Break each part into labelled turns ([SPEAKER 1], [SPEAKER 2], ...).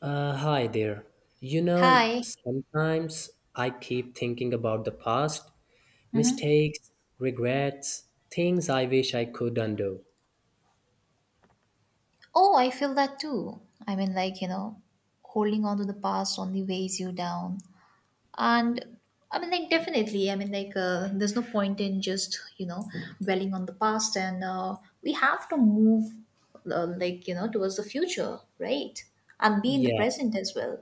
[SPEAKER 1] Hi there. You know,
[SPEAKER 2] Hi.
[SPEAKER 1] sometimes I keep thinking about the past,
[SPEAKER 2] hmm
[SPEAKER 1] mistakes, regrets, things I wish I could undo.
[SPEAKER 2] Oh, I feel that too. I mean, like, you know, holding on to the past only weighs you down. And I mean, like, Definitely. There's no point in just, you know, dwelling on the past. And We have to move, towards the future, right? And be in the
[SPEAKER 1] Yeah,
[SPEAKER 2] present as well.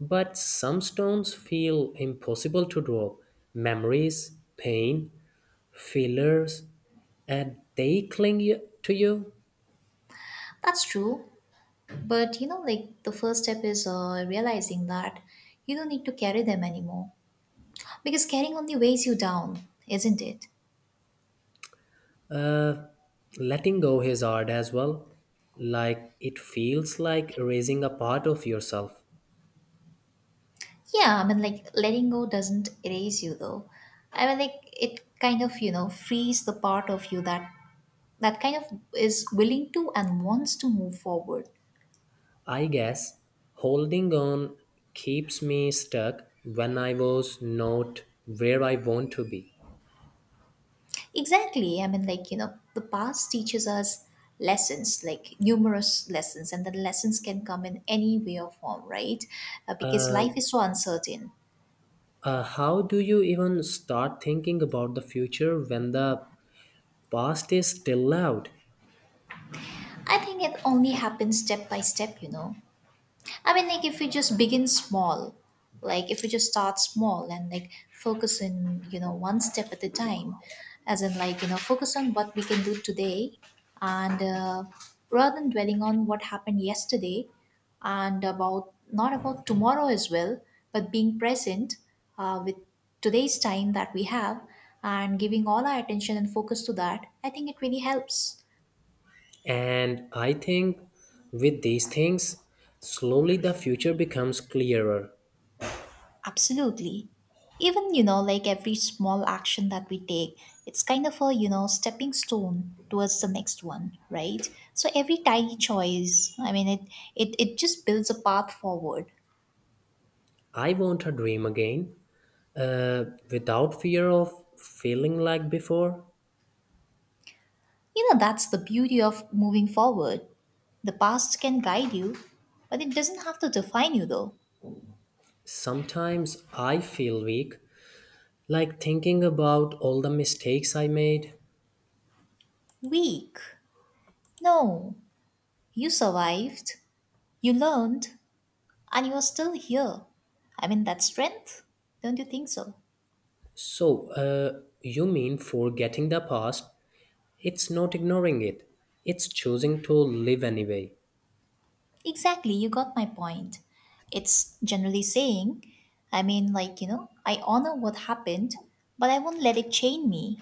[SPEAKER 1] but some stones feel impossible to drop. Memories, pain, feelers, and they cling to you.
[SPEAKER 2] That's true. But, you know, like, the first step is realizing that you don't need to carry them anymore. Because carrying only weighs you down, isn't it?
[SPEAKER 1] Uh, Letting go is hard as well. Like it feels like erasing a part of yourself.
[SPEAKER 2] Yeah, I mean, like, letting go doesn't erase you though. I mean, like, it kind of, you know, frees the part of you that that kind of is willing to and wants to move forward.
[SPEAKER 1] I guess holding on keeps me stuck when I was not where I want to be.
[SPEAKER 2] Exactly. I mean, like, you know, the past teaches us lessons, like numerous lessons, and the lessons can come in any way or form, right? Because
[SPEAKER 1] Uh,
[SPEAKER 2] life is so uncertain.
[SPEAKER 1] how do you even start thinking about the future when the past is still loud?
[SPEAKER 2] I think it only happens step by step, you know. I mean, like, if we just begin small, like if we just start small and like focus in, you know, one step at a time, as in like, you know, focus on what we can do today and rather than dwelling on what happened yesterday and about not about tomorrow as well, but being present with today's time that we have and giving all our attention and focus to that, I think it really helps.
[SPEAKER 1] And I think with these things, slowly the future becomes clearer.
[SPEAKER 2] Absolutely. Even, you know, like, every small action that we take, it's kind of a, you know, stepping stone towards the next one, right? So every tiny choice, I mean, it just builds a path forward.
[SPEAKER 1] I want a dream again, uh, without fear of feeling like before.
[SPEAKER 2] You know, that's the beauty of moving forward. The past can guide you, but it doesn't have to define you, though.
[SPEAKER 1] Sometimes I feel weak like thinking about all the mistakes I made.
[SPEAKER 2] Weak. No. You survived, you learned, and you are still here. I mean, that's strength. Don't you think so?
[SPEAKER 1] So, you mean forgetting the past? It's not ignoring it, it's choosing to live anyway.
[SPEAKER 2] Exactly, you got my point. It's generally saying, I mean, like, you know, I honor what happened, but I won't let it chain me.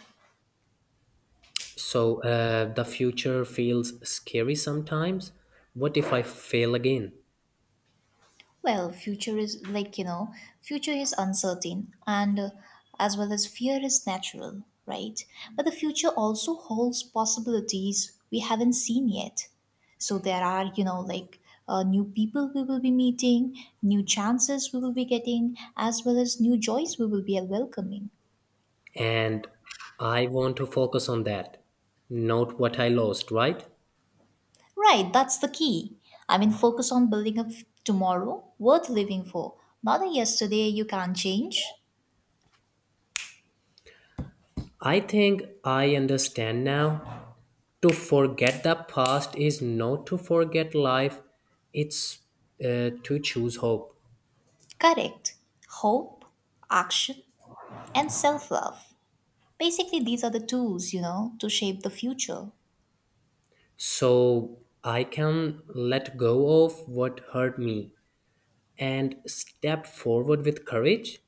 [SPEAKER 1] So, the future feels scary sometimes. What if I fail again?
[SPEAKER 2] Well, future is like, you know, future is uncertain, and as well as fear is natural, right? But the future also holds possibilities we haven't seen yet. So there are, you know, like, new people we will be meeting, new chances we will be getting, as well as new joys we will be welcoming.
[SPEAKER 1] And I want to focus on that, not what I lost, right?
[SPEAKER 2] Right, that's the key. I mean, focus on building tomorrow worth living for, not a yesterday you can't change.
[SPEAKER 1] I think I understand now. To forget the past is not to forget life, it's to choose hope.
[SPEAKER 2] Correct. Hope, action, and self love. Basically, these are the tools, you know, to shape the future.
[SPEAKER 1] So I can let go of what hurt me and step forward with courage.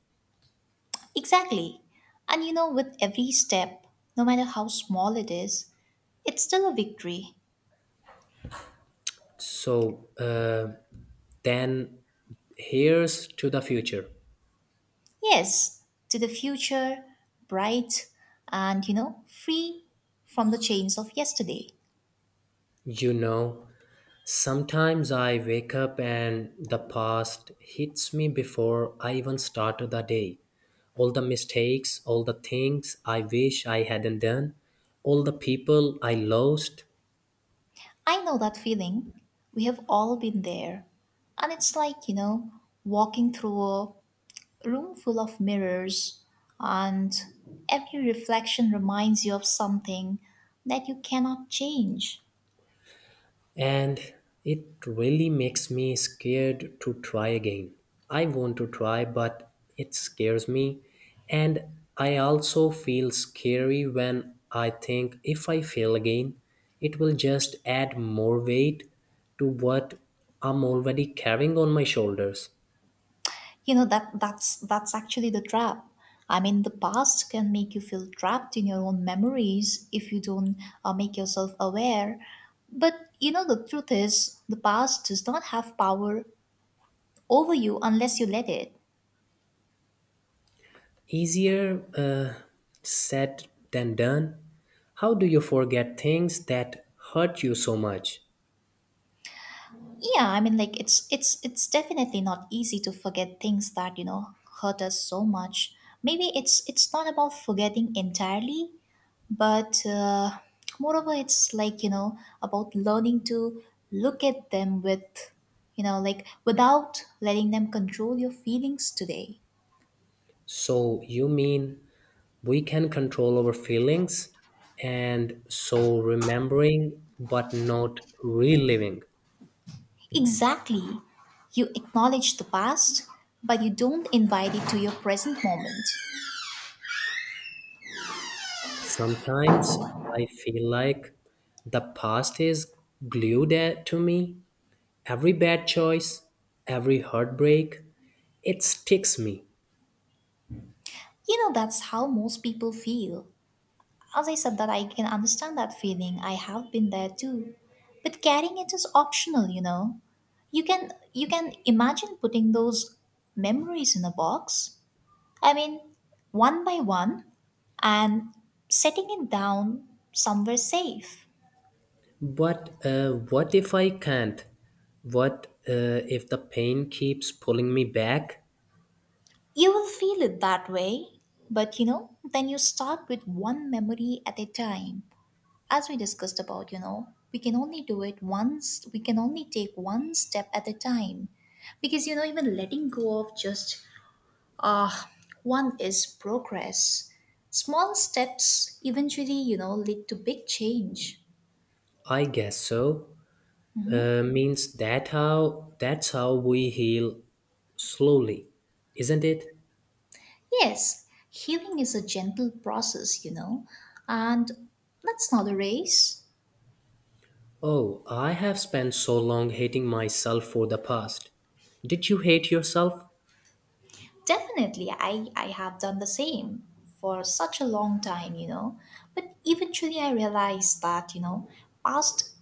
[SPEAKER 2] Exactly. And you know, with every step, no matter how small it is, it's still a victory.
[SPEAKER 1] So then here's to the future.
[SPEAKER 2] Yes, to the future, bright, and you know, free from the chains of yesterday.
[SPEAKER 1] You know, sometimes I wake up and the past hits me before I even start the day. All the mistakes, all the things I wish I hadn't done, all the people I lost,
[SPEAKER 2] I know that feeling. We have all been there. And it's like, you know, walking through a room full of mirrors, and every reflection reminds you of something that you cannot change.
[SPEAKER 1] and it really makes me scared to try again. I want to try, but it scares me. And I also feel scary when I think if I fail again, it will just add more weight to what I'm already carrying on my shoulders.
[SPEAKER 2] You know, that's actually the trap. I mean, the past can make you feel trapped in your own memories if you don't, make yourself aware. But you know, the truth is, the past does not have power over you unless you let it.
[SPEAKER 1] Easier said than done. How do you forget things that hurt you so much?
[SPEAKER 2] Yeah, I mean, like, it's definitely not easy to forget things that, you know, hurt us so much. Maybe it's not about forgetting entirely, but moreover it's like, you know, about learning to look at them with, you know, like without letting them control your feelings today.
[SPEAKER 1] So you mean we can control our feelings and so remembering but not reliving.
[SPEAKER 2] Exactly. You acknowledge the past, but you don't invite it to your present moment.
[SPEAKER 1] Sometimes I feel like the past is to me. Every bad choice, every heartbreak, it sticks me.
[SPEAKER 2] You know, that's how most people feel. As I said, that I can understand that feeling. I have been there too. But carrying it is optional, you know. You can imagine putting those memories in a box. I mean, one by one, and setting it down somewhere safe.
[SPEAKER 1] But what if I can't? What if the pain keeps pulling me back?
[SPEAKER 2] You will feel it that way, but you know, then you start with one memory at a time. As we discussed about, you know, we can only do it once, we can only take one step at a time. Because, you know, even letting go of just uh, one is progress. Small steps eventually, you know, lead to big change.
[SPEAKER 1] I guess so. Means that how that's how we heal slowly, isn't it?
[SPEAKER 2] Yes, healing is a gentle process, you know, and that's not a race.
[SPEAKER 1] Oh, I have spent so long hating myself for the past. Did you hate yourself?
[SPEAKER 2] Definitely, I have done the same for such a long time, you know. But eventually, I realized that, you know, past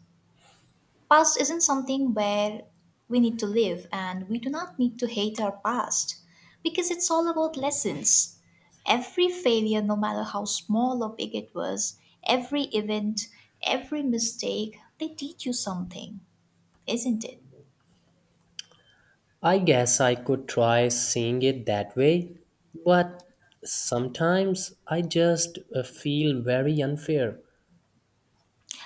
[SPEAKER 2] past isn't something where we need to live, and we do not need to hate our past because it's all about lessons. Every failure, no matter how small or big it was, every event, every mistake, they teach you something, isn't it?
[SPEAKER 1] I guess I could try seeing it that way, but sometimes I just feel very unfair.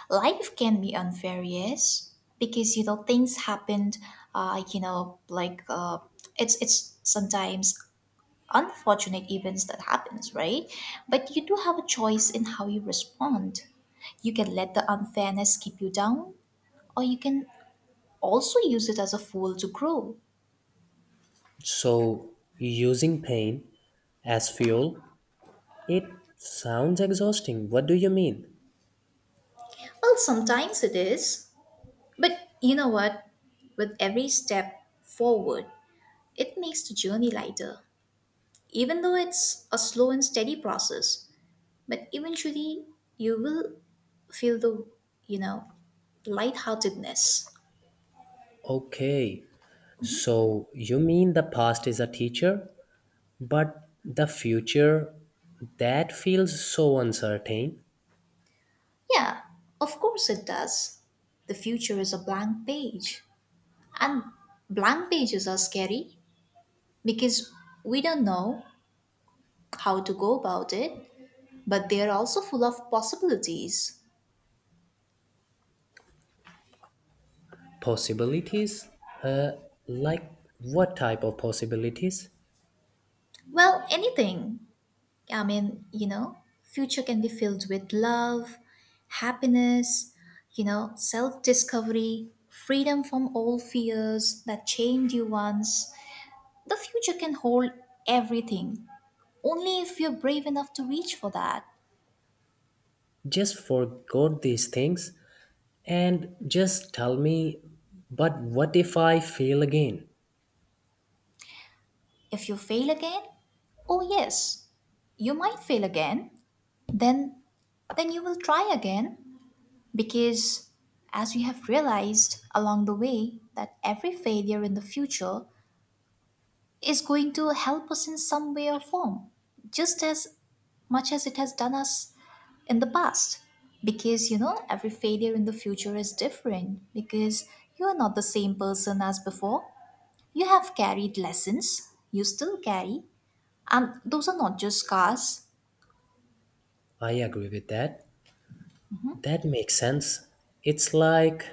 [SPEAKER 2] Life can be unfair, yes, because you know things happened, uh you know like uh it's sometimes unfortunate events that happens, right? But you do have a choice in how you respond. You can let the unfairness keep you down, or you can also use it as a fuel to grow.
[SPEAKER 1] So, using pain as fuel, it sounds exhausting. What do you mean?
[SPEAKER 2] Well, sometimes it is, but you know what, with every step forward, it makes the journey lighter. Even though it's a slow and steady process, but eventually you will feel the, you know, lightheartedness.
[SPEAKER 1] Okay, so you mean the past is a teacher, but the future that feels so uncertain.
[SPEAKER 2] Yeah, of course it does. The future is a blank page. And blank pages are scary because we don't know how to go about it, but they are also full of possibilities.
[SPEAKER 1] Possibilities, uh, like what type of possibilities?
[SPEAKER 2] Well, anything. I mean, you know, future can be filled with love, happiness, you know, self-discovery, freedom from all fears that chained you once. The future can hold everything, only if you're brave enough to reach for that.
[SPEAKER 1] Just forgot these things and just tell me, but what if I fail again?
[SPEAKER 2] If you fail again, oh yes, you might fail again. Then then you will try again, because as you have realized along the way, that every failure in the future is going to help us in some way or form, just as much as it has done us in the past. Because you know, every failure in the future is different, because you are not the same person as before. You have carried lessons, you still carry, and those are not just scars.
[SPEAKER 1] I agree with that. That makes sense. It's like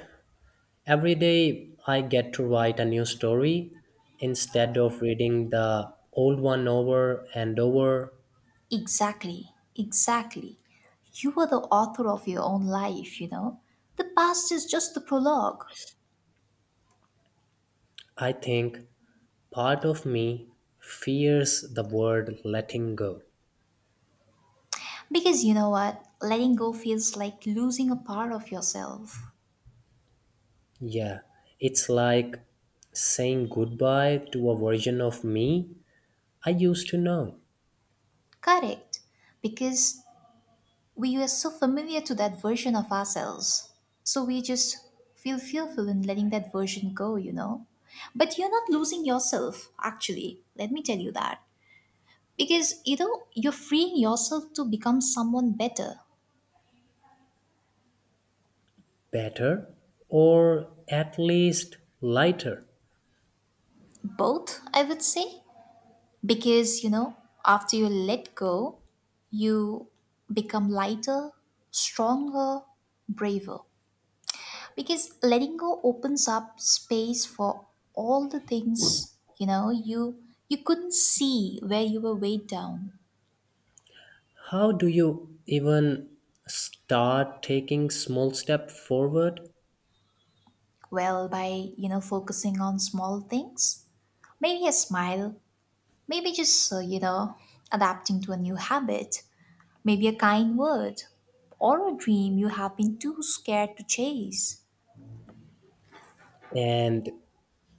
[SPEAKER 1] every day I get to write a new story instead of reading the old one over and over.
[SPEAKER 2] Exactly, exactly. You are the author of your own life, you know. The past is just the prologue.
[SPEAKER 1] I think part of me fears the word letting go.
[SPEAKER 2] Because you know what? Letting go feels like losing a part of yourself.
[SPEAKER 1] Yeah, it's like saying goodbye to a version of me I used to know
[SPEAKER 2] Correct. Because we are so familiar to that version of ourselves. So we just feel fearful in letting that version go, you know. But you're not losing yourself, actually. Let me tell you that. Because you know, you're freeing yourself to become someone better.
[SPEAKER 1] better or at least lighter.
[SPEAKER 2] Both, I would say. Because you know, after you let go, you become lighter, stronger, braver, because letting go opens up space for all the things, you know, you couldn't see where you were weighed down.
[SPEAKER 1] How do you even start taking small step forward
[SPEAKER 2] Well, by you know, focusing on small things, maybe a smile, maybe just, you know, adapting to a new habit, maybe a kind word, or a dream you have been too scared to chase.
[SPEAKER 1] and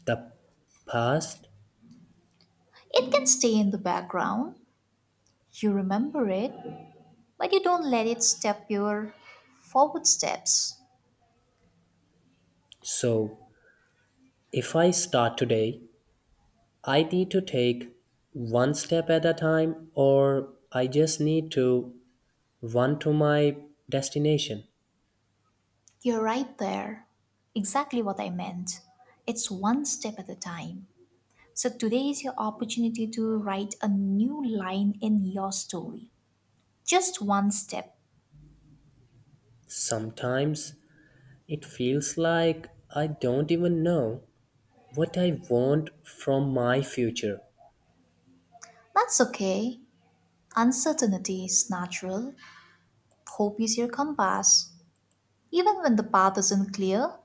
[SPEAKER 1] the past.
[SPEAKER 2] It can stay in the background, you remember it, but you don't let it step your forward steps.
[SPEAKER 1] So, if I start today, I need to take one step at a time, or I just need to run to my destination.
[SPEAKER 2] You're right there. Exactly what I meant. It's one step at a time. So today is your opportunity to write a new line in your story. Just one step.
[SPEAKER 1] Sometimes it feels like I don't even know what I want from my future.
[SPEAKER 2] That's okay. Uncertainty is natural. Hope is your compass, even when the path isn't clear.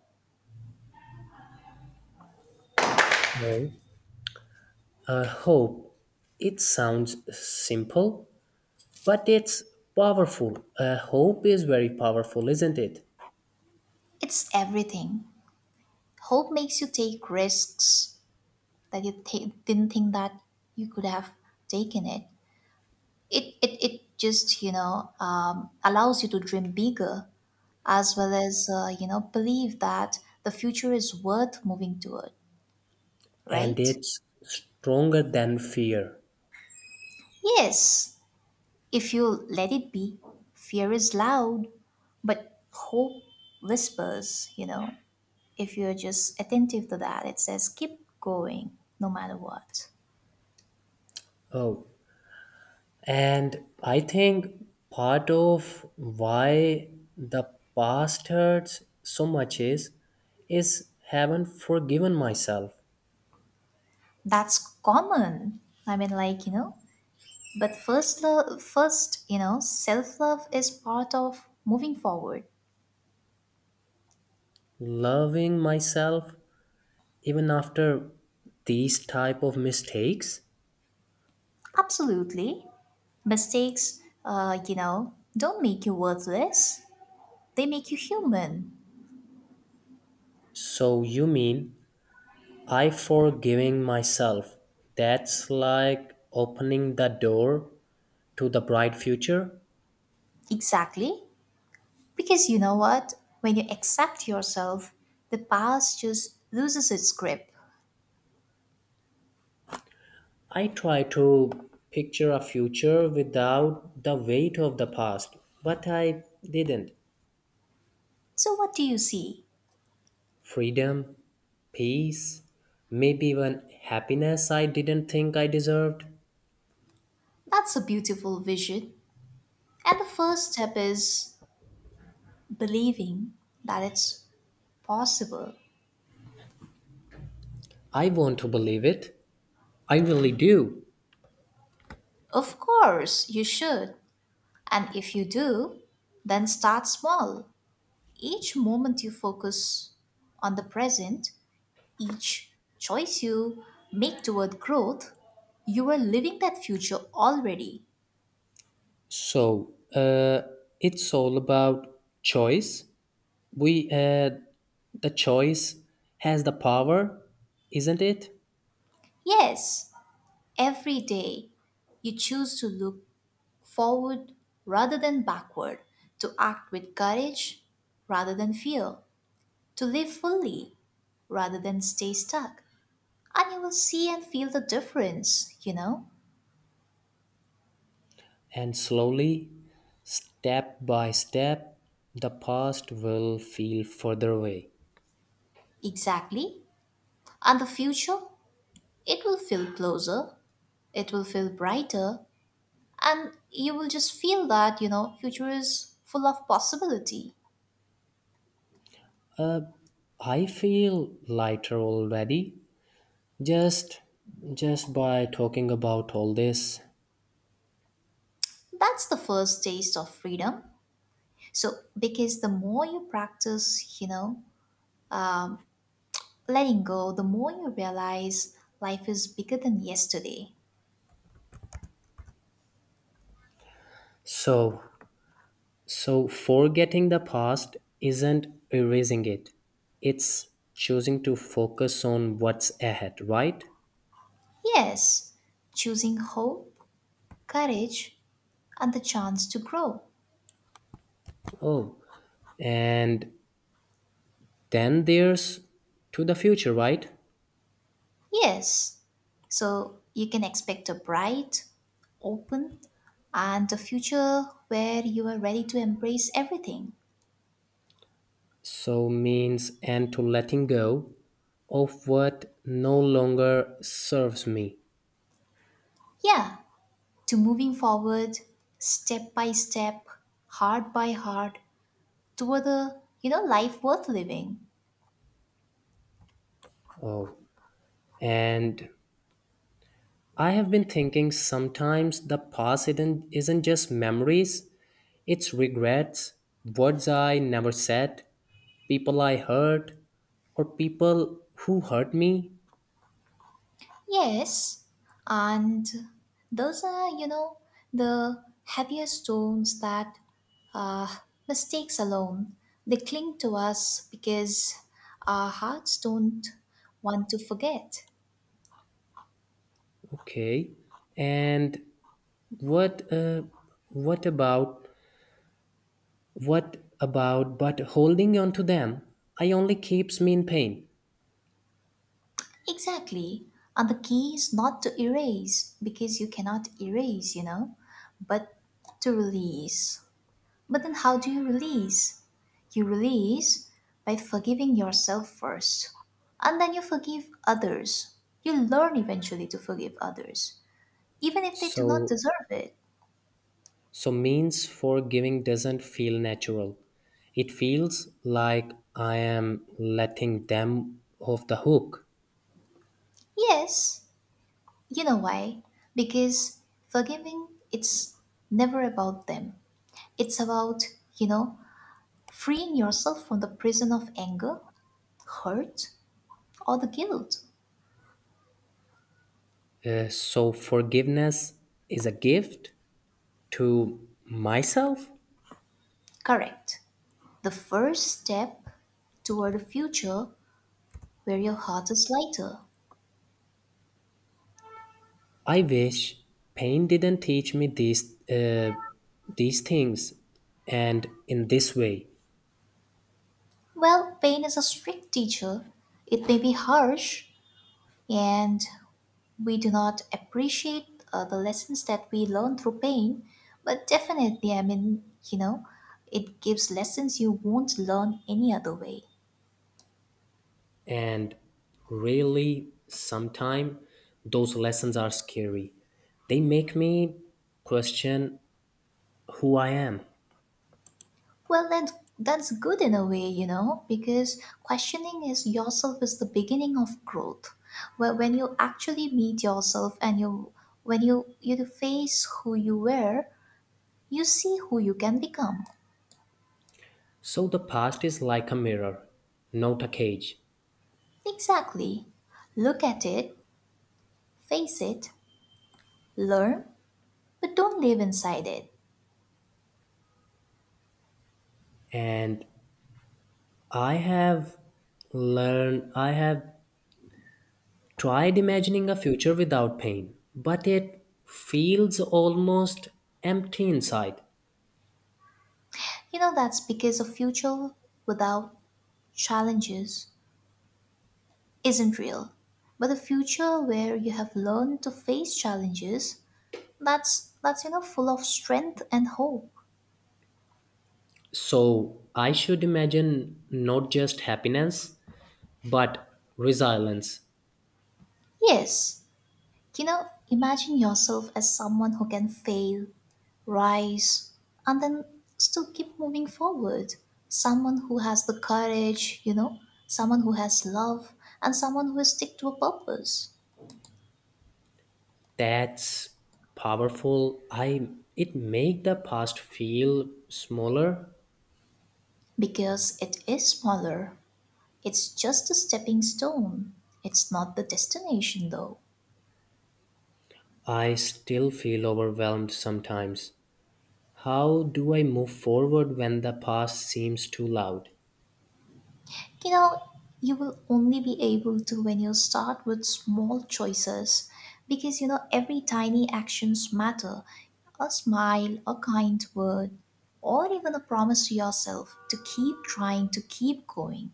[SPEAKER 1] Well, I hope it sounds simple, but it's powerful. Hope is very powerful, isn't it?
[SPEAKER 2] It's everything. Hope makes you take risks that you didn't think that you could have taken it. It just, you know, allows you to dream bigger, as well as, you know, believe that the future is worth moving toward,
[SPEAKER 1] And
[SPEAKER 2] right?
[SPEAKER 1] it's stronger than fear.
[SPEAKER 2] Yes, if you let it be, fear is loud, but hope whispers, you know, if you're just attentive to that, it says keep going no matter what.
[SPEAKER 1] Oh, and I think part of why the past hurts so much is haven't forgiven myself,
[SPEAKER 2] That's common. I mean, like, you know, but first love, first, you know, self love is part of moving forward.
[SPEAKER 1] loving myself even after these type of mistakes.
[SPEAKER 2] Absolutely. Mistakes, you know, don't make you worthless, they make you human.
[SPEAKER 1] So you mean I forgiving myself? That's like opening the door to the bright future.
[SPEAKER 2] Exactly. Because you know what? When you accept yourself, the past just loses its grip.
[SPEAKER 1] I try to picture a future without the weight of the past, but I didn't.
[SPEAKER 2] So, what do you see?
[SPEAKER 1] Freedom, peace, maybe even happiness I didn't think I deserved.
[SPEAKER 2] That's a beautiful vision. And the first step is believing that it's possible.
[SPEAKER 1] I want to believe it. I really do.
[SPEAKER 2] Of course, you should. And if you do, then start small. Each moment you focus on the present, each choice you make toward growth, you are living that future already.
[SPEAKER 1] So, it's all about choice. We, uh, the choice has the power, isn't it?
[SPEAKER 2] Yes, every day you choose to look forward rather than backward, to act with courage rather than fear, to live fully rather than stay stuck. And you will see and feel the difference, you know?
[SPEAKER 1] And slowly, step by step, the past will feel further away.
[SPEAKER 2] Exactly. And the future, it will feel closer, it will feel brighter, and you will just feel that, you know, future is full of possibility.
[SPEAKER 1] Uh, I feel lighter already, just just by talking about all this.
[SPEAKER 2] That's the first taste of freedom. So, because the more you practice, you know, letting go, the more you realize life is bigger than yesterday.
[SPEAKER 1] So, so forgetting the past isn't erasing it. It's choosing to focus on what's ahead, right?
[SPEAKER 2] Yes, choosing hope, courage, and the chance to grow.
[SPEAKER 1] Oh, and then there's to the future, right?
[SPEAKER 2] Yes. So you can expect a bright, open, and a future where you are ready to embrace everything.
[SPEAKER 1] So means and to letting go of what no longer serves me.
[SPEAKER 2] Yeah, to moving forward step by step, heart by heart toward a, you know, life worth living.
[SPEAKER 1] Oh, and I have been thinking sometimes the past isn't just memories, it's regrets, words I never said, people I hurt, or people who hurt me.
[SPEAKER 2] Yes, and those are, you know, the heavier stones that uh, mistakes alone. They cling to us because our hearts don't want to forget.
[SPEAKER 1] Okay, and what what about what about but holding on to them? I only keeps me in pain.
[SPEAKER 2] Exactly. And the key is not to erase because you cannot erase, you know, but to release. But then how do you release? You release by forgiving yourself first, and then you forgive others. You learn eventually to forgive others, even if they do not
[SPEAKER 1] So,
[SPEAKER 2] deserve it.
[SPEAKER 1] so means for giving doesn't feel natural. It feels like I am letting them off the hook.
[SPEAKER 2] Yes, you know why? Because forgiving it's never about them. It's about, you know, freeing yourself from the prison of anger, hurt, or the guilt.
[SPEAKER 1] So forgiveness is a gift to myself.
[SPEAKER 2] Correct. The first step toward a future where your heart is lighter.
[SPEAKER 1] I wish pain didn't teach me these things, and in this way.
[SPEAKER 2] Well, pain is a strict teacher. It may be harsh, and we do not appreciate the lessons that we learn through pain, but definitely, I mean, you know, it gives lessons you won't learn any other way.
[SPEAKER 1] And really, sometime those lessons are scary. They make me question who I am.
[SPEAKER 2] Well, then that's good in a way, you know, because questioning is yourself is the beginning of growth. Where when you actually meet yourself and you when you face who you were, you see who you can become.
[SPEAKER 1] So the past is like a mirror, not a cage.
[SPEAKER 2] Exactly. Look at it, face it, learn, but don't live inside it.
[SPEAKER 1] And I have I have tried imagining a future without pain, but it feels almost empty inside.
[SPEAKER 2] You know, that's because a future without challenges isn't real. But a future where you have learned to face challenges, that's you know full of strength and hope.
[SPEAKER 1] So I should imagine not just happiness, but resilience.
[SPEAKER 2] Yes. You know, imagine yourself as someone who can fail, rise, and then still keep moving forward. Someone who has the courage, you know, someone who has love, and someone who is stick to a purpose.
[SPEAKER 1] That's powerful. I it make the past feel smaller.
[SPEAKER 2] Because it is smaller, it's just a stepping stone. It's not the destination though.
[SPEAKER 1] I still feel overwhelmed sometimes. How do I move forward when the past seems too loud?
[SPEAKER 2] You know, you will only be able to when you start with small choices because you know every tiny actions matter. A smile, a kind word, or even a promise to yourself to keep trying, to keep going.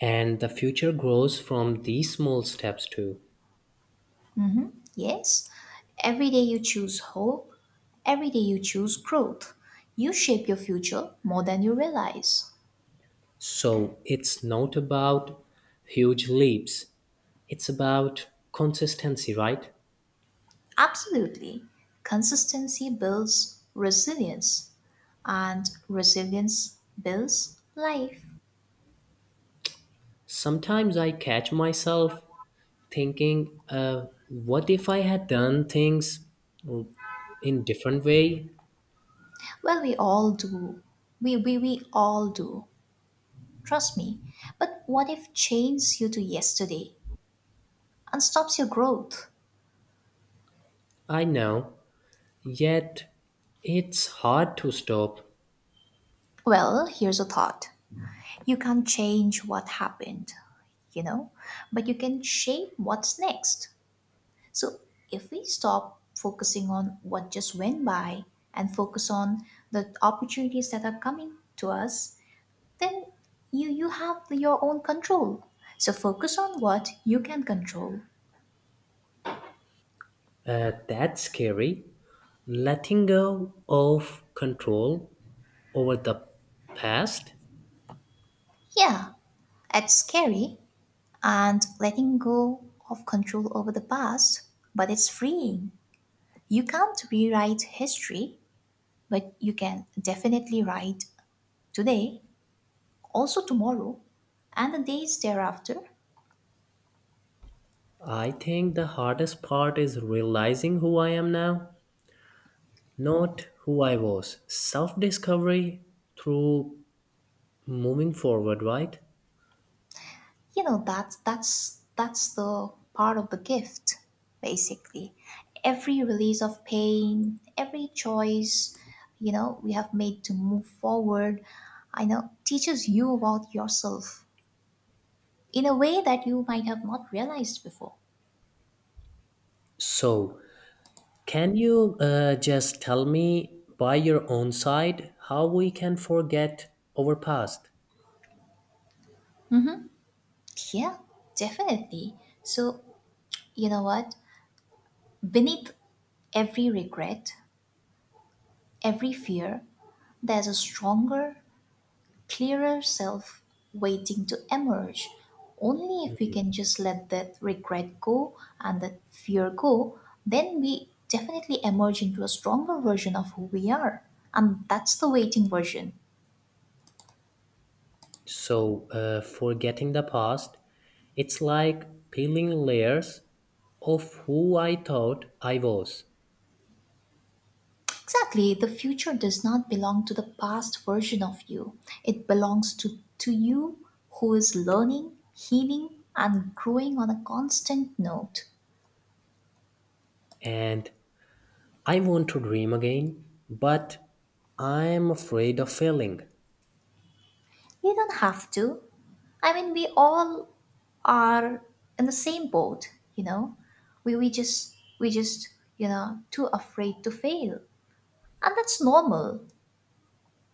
[SPEAKER 1] And the future grows from these small steps too.
[SPEAKER 2] Hmm. Yes, every day you choose hope, every day you choose growth. You shape your future more than you realize.
[SPEAKER 1] So it's not about huge leaps, it's about consistency, right?
[SPEAKER 2] Absolutely. Consistency builds resilience and resilience builds life.
[SPEAKER 1] Sometimes I catch myself thinking, what if I had done things in different way?
[SPEAKER 2] Well, we all do. We all do. Trust me. But what if chains you to yesterday and stops your growth?
[SPEAKER 1] I know, yet it's hard to stop.
[SPEAKER 2] Well, here's a thought. You can't change what happened, you know, but you can shape what's next. So if we stop focusing on what just went by and focus on the opportunities that are coming to us, then you have your own control, so focus on what you can control.
[SPEAKER 1] That's scary. Letting go of control over the past.
[SPEAKER 2] Yeah, it's scary, and letting go of control over the past, but it's freeing. You can't rewrite history, but you can definitely write today, also tomorrow, and the days thereafter.
[SPEAKER 1] I think the hardest part is realizing who I am now, not who I was. Self discovery through moving forward, right?
[SPEAKER 2] You know, that's the part of the gift, basically. Every release of pain, every choice, you know, we have made to move forward, I know, teaches you about yourself in a way that you might have not realized before.
[SPEAKER 1] So, can you just tell me by your own side how we can forget our past?
[SPEAKER 2] Yeah, definitely. So, you know what, beneath every regret, every fear, there's a stronger, clearer self waiting to emerge. Only if we can just let that regret go and that fear go, then we definitely emerge into a stronger version of who we are. And that's the waiting version.
[SPEAKER 1] So, forgetting the past, it's like peeling layers of who I thought I was.
[SPEAKER 2] Exactly, the future does not belong to the past version of you, it belongs to you who is learning, healing, and growing on a constant note.
[SPEAKER 1] And I want to dream again, but I'm afraid of failing.
[SPEAKER 2] You don't have to. I mean, we all are in the same boat, you know. We just you know too afraid to fail, and that's normal.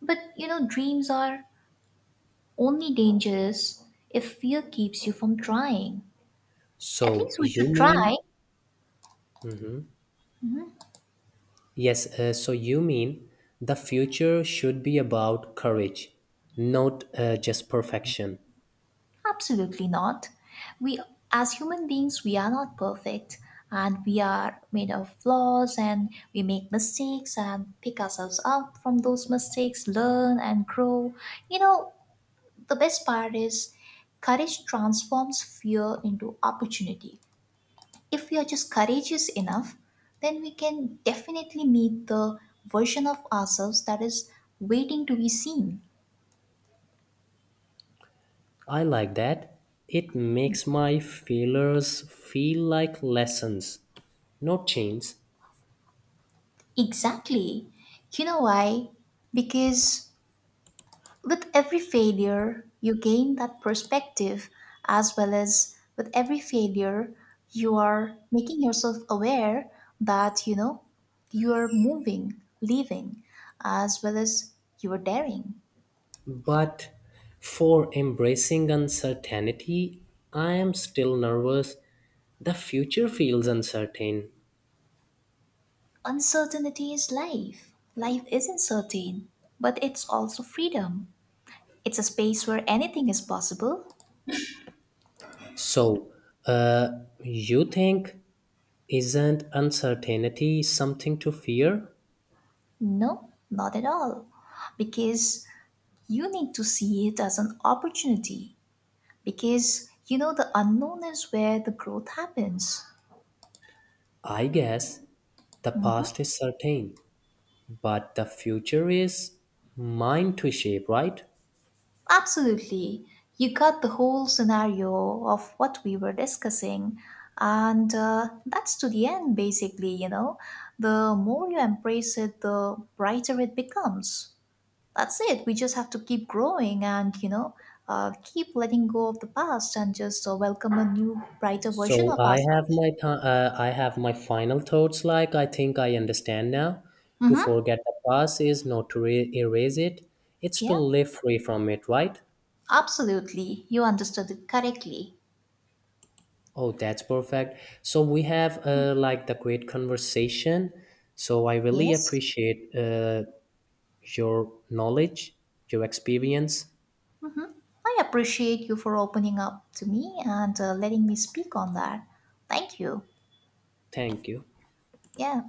[SPEAKER 2] But you know, dreams are only dangerous if fear keeps you from trying. At
[SPEAKER 1] So,
[SPEAKER 2] least we
[SPEAKER 1] you
[SPEAKER 2] should try.
[SPEAKER 1] mean, yes, so you mean the future should be about courage, not just perfection.
[SPEAKER 2] Absolutely not. We, as human beings, we are not perfect and we are made of flaws and we make mistakes and pick ourselves up from those mistakes, learn and grow. You know, the best part is courage transforms fear into opportunity. If we are just courageous enough, then we can definitely meet the version of ourselves that is waiting to be seen.
[SPEAKER 1] I like that. It makes my failures feel like lessons, not chains.
[SPEAKER 2] Exactly. You know why? Because with every failure, you gain that perspective, as well as with every failure, you are making yourself aware that you know you are moving, living, as well as you are daring.
[SPEAKER 1] But for embracing uncertainty, I am still nervous. The future feels uncertain.
[SPEAKER 2] Uncertainty is life. Life isn't certain, but it's also freedom. It's a space where anything is possible.
[SPEAKER 1] So, uh, you think isn't uncertainty something to fear?
[SPEAKER 2] No, not at all. Because you need to see it as an opportunity because you know the unknown is where the growth happens.
[SPEAKER 1] I guess the past is certain, but the future is mine to shape, right?
[SPEAKER 2] Absolutely. You got the whole scenario of what we were discussing, and that's to the end, basically. You know, the more you embrace it, the brighter it becomes. That's it. We just have to keep growing and, you know, keep letting go of the past and just welcome a new, brighter version of ourselves.
[SPEAKER 1] I have my final thoughts. Like I think I understand now. To
[SPEAKER 2] Mm-hmm.
[SPEAKER 1] forget the past is not to erase it. It's to
[SPEAKER 2] Yeah,
[SPEAKER 1] live free from it, right?
[SPEAKER 2] absolutely. You understood it correctly.
[SPEAKER 1] Oh, that's perfect. So we have like the great conversation. So I really
[SPEAKER 2] Yes.
[SPEAKER 1] appreciate your knowledge, your experience.
[SPEAKER 2] I appreciate you for opening up to me and letting me speak on that. Thank you.
[SPEAKER 1] Thank you.
[SPEAKER 2] Yeah.